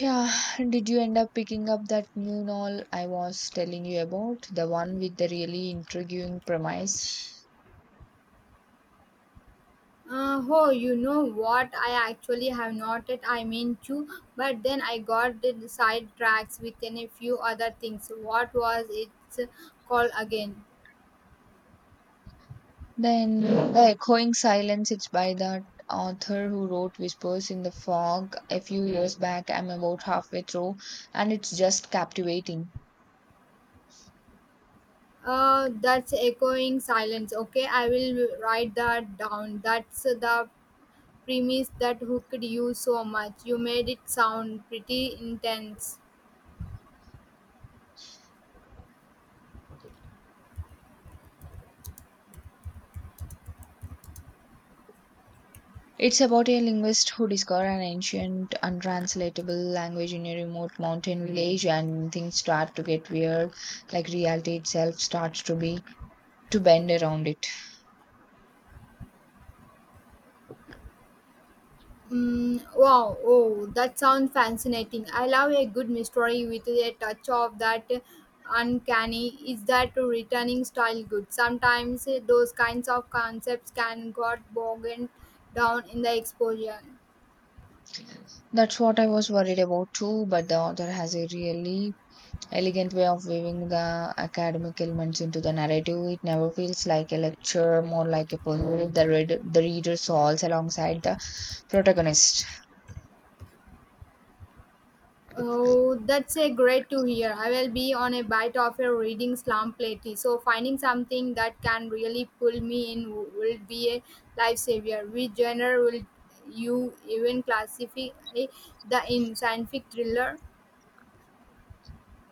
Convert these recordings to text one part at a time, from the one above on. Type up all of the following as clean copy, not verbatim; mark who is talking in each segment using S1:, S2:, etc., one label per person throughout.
S1: Yeah, did you end up picking up that new novel I was telling you about? The one with the really intriguing premise?
S2: Oh, you know what? I actually have noted. I meant to, but then I got the sidetracks within a few other things. What was it called again?
S1: Then, The Echoing Silence, it's by that author who wrote Whispers in the Fog a few years back. I'm about halfway through, and it's just captivating.
S2: That's echoing silence. Okay, I will write that down. That's the premise that hooked you so much. You made it sound pretty intense.
S1: It's about a linguist who discovers an ancient, untranslatable language in a remote mountain village, and things start to get weird, like reality itself starts to be to bend around it.
S2: Wow, oh, that sounds fascinating. I love a good mystery with a touch of that uncanny. Is that returning style good? Sometimes those kinds of concepts can get bogged down in the exposure.
S1: That's what I was worried about too, but the author has a really elegant way of weaving the academic elements into the narrative. It never feels like a lecture, more like a puzzle. The reader solves alongside the protagonist.
S2: Oh, that's a great to hear. I will be on a bite of a reading slump lately, so finding something that can really pull me in will be a lifesaver. Which genre will you even classify the in scientific thriller?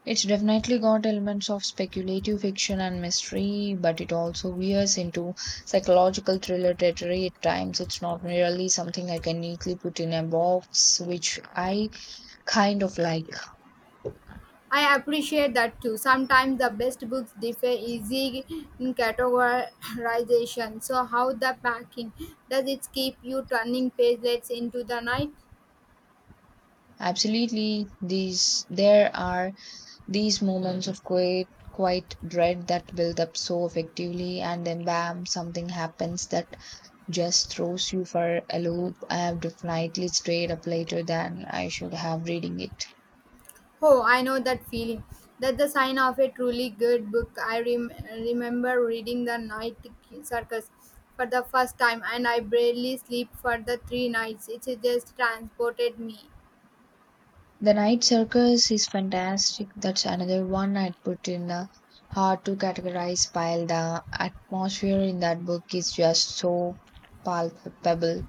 S1: It's definitely got elements of speculative fiction and mystery, but it also veers into psychological thriller territory at times. It's not merely something I can neatly put in a box, which I kind of like.
S2: I appreciate that too. Sometimes the best books differ easy in categorization. So how the packing does it keep you turning pages into the night?
S1: Absolutely, these there are These moments of quiet dread that build up so effectively, and then bam, something happens that just throws you for a loop. I have definitely stayed up later than I should have reading it.
S2: Oh, I know that feeling. That's the sign of a truly good book. I remember reading The Night Circus for the first time, and I barely sleep for the three nights. It just transported me.
S1: The Night Circus is fantastic. That's another one I'd put in the hard to categorize pile. The atmosphere in that book is just so palpable.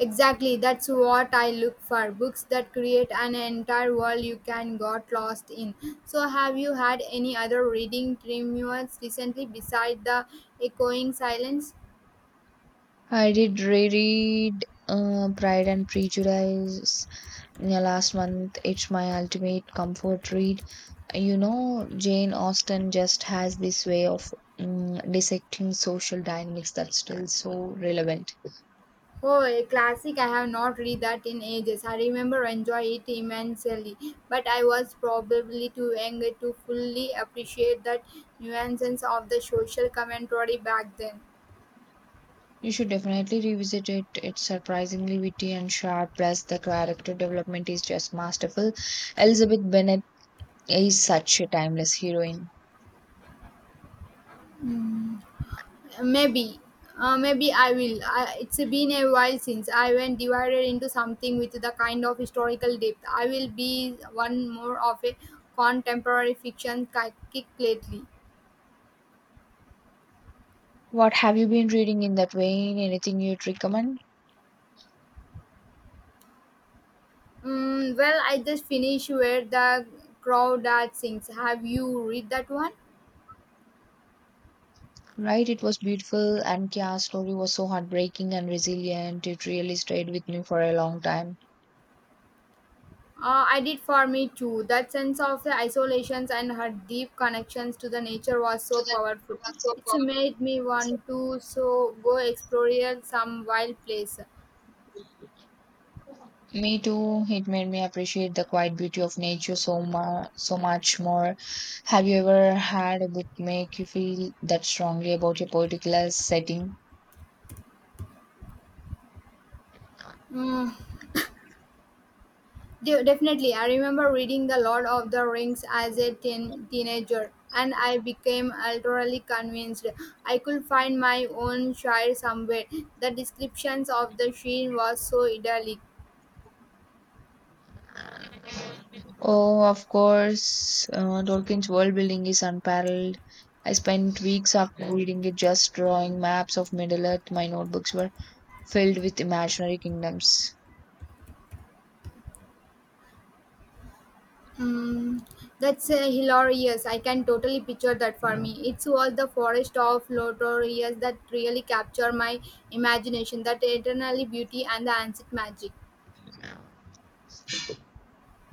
S2: Exactly, that's what I look for. Books that create an entire world you can got lost in. So, have you had any other reading triumphs recently beside the echoing silence?
S1: I did reread Pride and Prejudice. Yeah, last month, it's my ultimate comfort read. You know, Jane Austen just has this way of dissecting social dynamics that's still so relevant.
S2: Oh, a classic. I have not read that in ages. I remember enjoy it immensely, but I was probably too young to fully appreciate that nuances of the social commentary back then.
S1: You should definitely revisit it. It's surprisingly witty and sharp, plus the character development is just masterful. Elizabeth Bennet is such a timeless heroine.
S2: Maybe, maybe I will. I, it's been a while since I went divided into something with the kind of historical depth. I will be one more of a contemporary fiction kick lately.
S1: What have you been reading in that vein? Anything you'd recommend?
S2: Well, I just finished Where the Crawdad Sings. Have you read that one?
S1: Right, it was beautiful, and Kia's story was so heartbreaking and resilient. It really stayed with me for a long time.
S2: I did for me too. That sense of the isolations and her deep connections to the nature was
S1: So
S2: so
S1: the nature
S2: powerful.
S1: was so
S2: It's made me
S1: powerful.
S2: want to so go explore some wild place.
S1: Me too. It made me appreciate the quiet beauty of nature so much, so much more. Have you ever had a book make you feel that strongly about a particular setting?
S2: Mm, Definitely, I remember reading The Lord of the Rings as a teenager, and I became utterly convinced I could find my own shire somewhere. The descriptions of the Shire was so idyllic.
S1: Oh, of course. Tolkien's world building is unparalleled. I spent weeks after reading it, just drawing maps of Middle Earth. My notebooks were filled with imaginary kingdoms.
S2: Mm, that's hilarious. I can totally picture that for me. It was the forest of Lotorius that really captured my imagination, that eternally beauty and the ancient magic.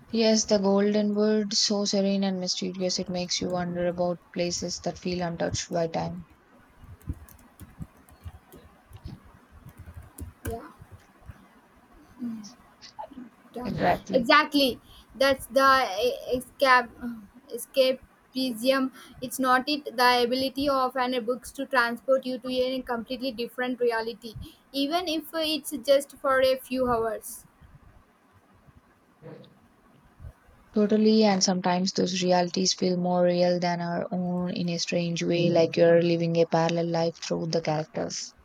S1: Yes, the golden wood, so serene and mysterious, it makes you wonder about places that feel untouched by time.
S2: Yeah. Yeah,
S1: Exactly.
S2: exactly. That's the escape, escapism. It's not it the ability of an books to transport you to a completely different reality, even if it's just for a few hours.
S1: Totally, and sometimes those realities feel more real than our own in a strange way, like you're living a parallel life through the characters.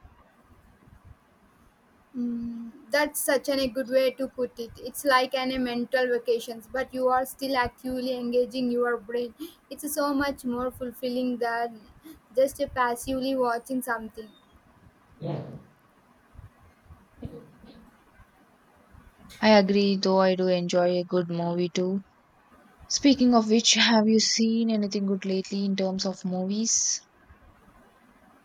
S2: That's such a good way to put it. It's like a mental vacations, but you are still actively engaging your brain. It's so much more fulfilling than just passively watching something.
S1: I agree, though I do enjoy a good movie too. Speaking of which, have you seen anything good lately in terms of movies?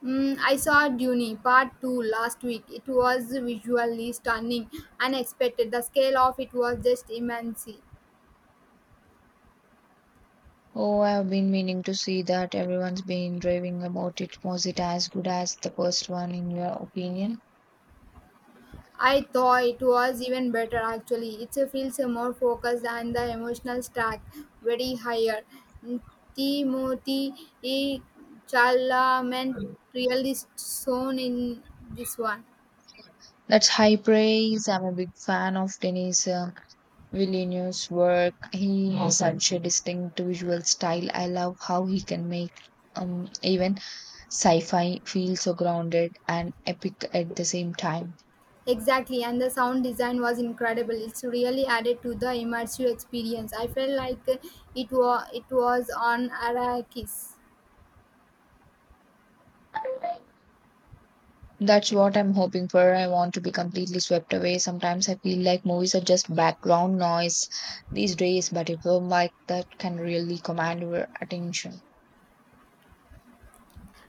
S2: I saw Dune Part 2 last week. It was visually stunning, unexpected. The scale of it was just immense.
S1: Oh, I've been meaning to see that. Everyone's been raving about it. Was it as good as the first one, in your opinion?
S2: I thought it was even better actually. It feels more focused and the emotional stack very higher. Mm, Timothy E. Chalamet really shone in this one.
S1: That's high praise. I'm a big fan of Denis Villeneuve's work. He has such a distinct visual style. I love how he can make even sci fi feel so grounded and epic at the same time.
S2: Exactly, and the sound design was incredible. It's really added to the immersive experience. I felt like it was on Arrakis.
S1: That's what I'm hoping for. I want to be completely swept away. Sometimes I feel like movies are just background noise these days, but a film like that can really command your attention.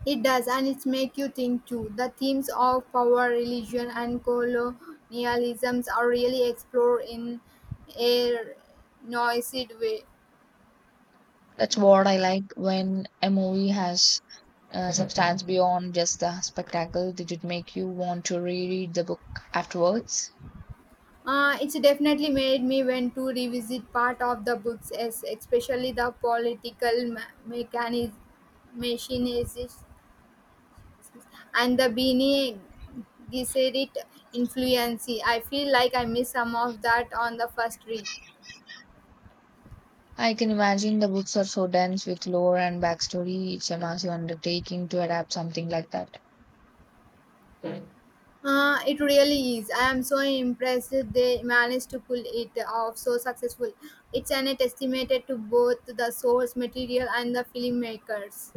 S2: It does, and it's make you think too. The themes of power, religion, and colonialisms are really explored in a noisy way.
S1: That's what I like when a movie has substance beyond just the spectacle. Did it make you want to reread the book afterwards?
S2: It's definitely made me want to revisit part of the books, especially the political mechanism machine and the beanie, Gesserit influence. I feel like I missed some of that on the first read.
S1: I can imagine the books are so dense with lore and backstory. It's a massive undertaking to adapt something like that.
S2: It really is. I am so impressed they managed to pull it off so successful. It's an testament to both the source material and the filmmakers.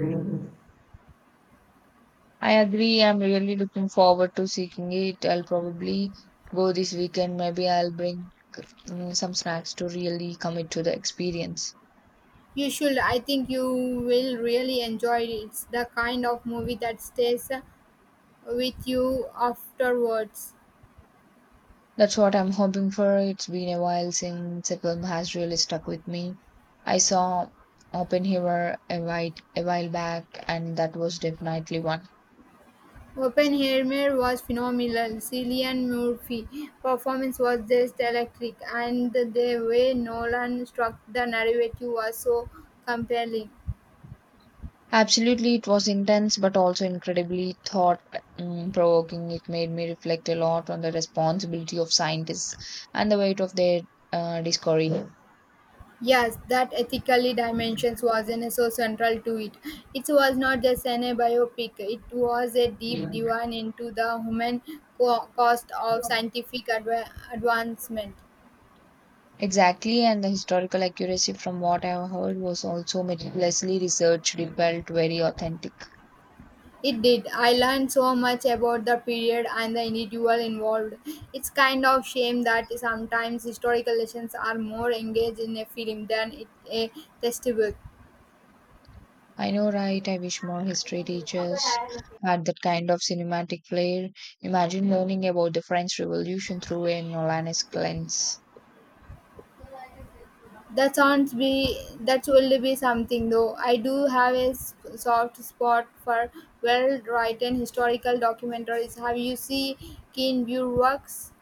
S1: I agree. I'm really looking forward to seeing it. I'll probably go this weekend. Maybe I'll bring some snacks to really commit to the experience.
S2: You should. I think you will really enjoy it. It's the kind of movie that stays with you afterwards.
S1: That's what I'm hoping for. It's been a while since a film has really stuck with me. I saw Oppenheimer a while back, and that was definitely one.
S2: Oppenheimer was phenomenal. Cillian Murphy' performance was just electric, and the way Nolan struck the narrative was so compelling.
S1: Absolutely, it was intense but also incredibly thought mm, provoking. It made me reflect a lot on the responsibility of scientists and the weight of their discovery.
S2: Yes, that ethically dimensions was in so central to it. It was not just an a biopic; it was a deep dive into the human cost of scientific advancement.
S1: Exactly, and the historical accuracy from what I have heard was also meticulously researched. It felt very authentic.
S2: It did. I learned so much about the period and the individual involved. It's kind of shame that sometimes historical lessons are more engaged in a film than it, a textbook.
S1: I know, right? I wish more history teachers had that kind of cinematic flair. Imagine learning about the French Revolution through a Nolanesque lens.
S2: That sounds be that will be something though. I do have a soft spot for well-written historical documentaries. Have you seen Keen View works?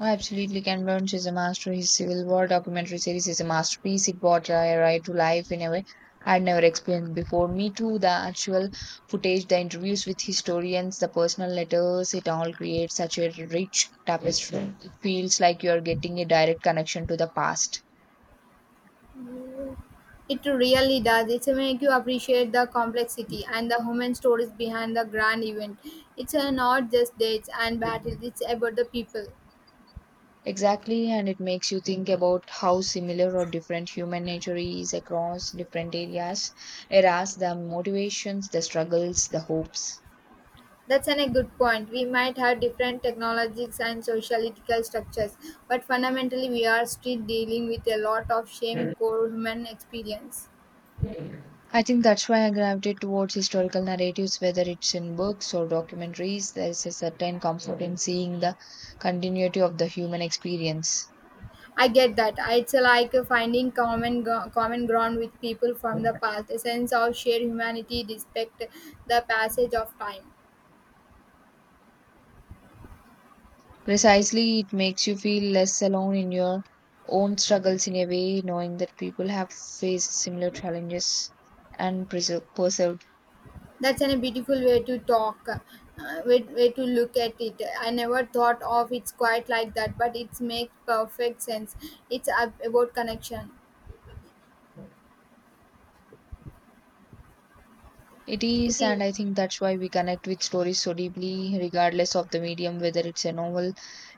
S1: Oh, absolutely. Ken Burns is a master. His Civil War documentary series is a masterpiece. It brought a right to life in a way I'd never experienced before. Me too. The actual footage, the interviews with historians, the personal letters, it all creates such a rich tapestry. It feels like you're getting a direct connection to the past.
S2: It really does. It's make you appreciate the complexity and the human stories behind the grand event. It's not just dates and battles. It's about the people.
S1: Exactly, and it makes you think about how similar or different human nature is across different areas, eras, the motivations, the struggles, the hopes.
S2: That's a good point. We might have different technologies and sociological structures, but fundamentally, we are still dealing with a lot of shame core human experience.
S1: I think that's why I gravitate towards historical narratives, whether it's in books or documentaries. There's a certain comfort in seeing the continuity of the human experience.
S2: I get that. It's like finding common ground with people from the past, a sense of shared humanity, respect the passage of time.
S1: Precisely, it makes you feel less alone in your own struggles in a way, knowing that people have faced similar challenges and persevered.
S2: That's a beautiful way to talk, way to look at it. I never thought of it's quite like that, but it makes perfect sense. It's about connection.
S1: It
S2: It
S1: is,
S2: is
S1: and I think that's why we connect with stories so deeply, regardless of the medium, whether it's a novel,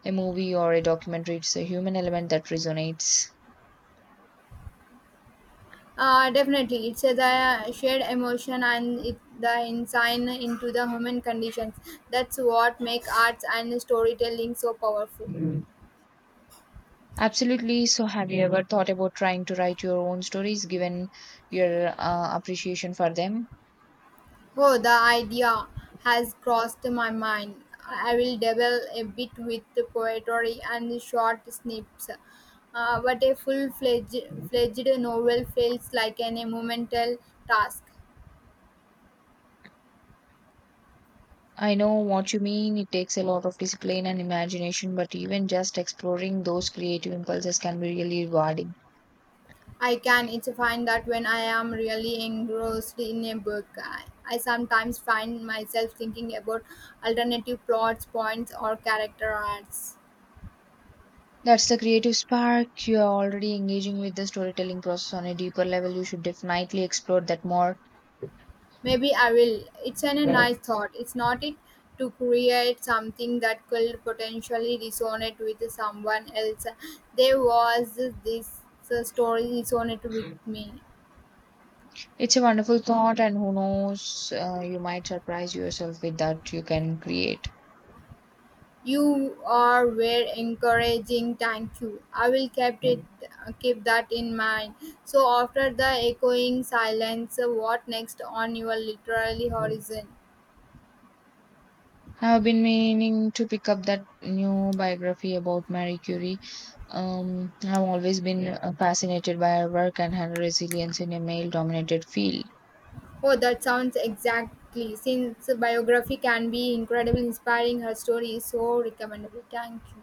S1: a movie, or a documentary. It's a human element that resonates.
S2: definitely it's a, the shared emotion and it, the insight into the human conditions. That's what make arts and storytelling so powerful.
S1: Absolutely. So, have you ever thought about trying to write your own stories given your appreciation for them?
S2: Oh, the idea has crossed my mind. I will dabble a bit with the poetry and short snips. But a full fledged novel feels like an monumental task.
S1: I know what you mean. It takes a lot of discipline and imagination, but even just exploring those creative impulses can be really rewarding.
S2: I can it's find that when I am really engrossed in a book, I sometimes find myself thinking about alternative plots, points, or character arcs.
S1: That's the creative spark. You are already engaging with the storytelling process on a deeper level. You should definitely explore that more.
S2: Maybe I will. It's a nice thought. It's not it to create something that could potentially resonate with someone else. There was this story resonate with me.
S1: It's a wonderful thought, and who knows, you might surprise yourself with that you can create.
S2: You are very encouraging. Thank you. I will keep that in mind. So after the echoing silence, what next on your literary horizon?
S1: I've been meaning to pick up that new biography about Marie Curie. I've always been fascinated by her work and her resilience in a male dominated field.
S2: Oh, that sounds exactly. Since biography can be incredibly inspiring, her story is so recommendable. Thank you.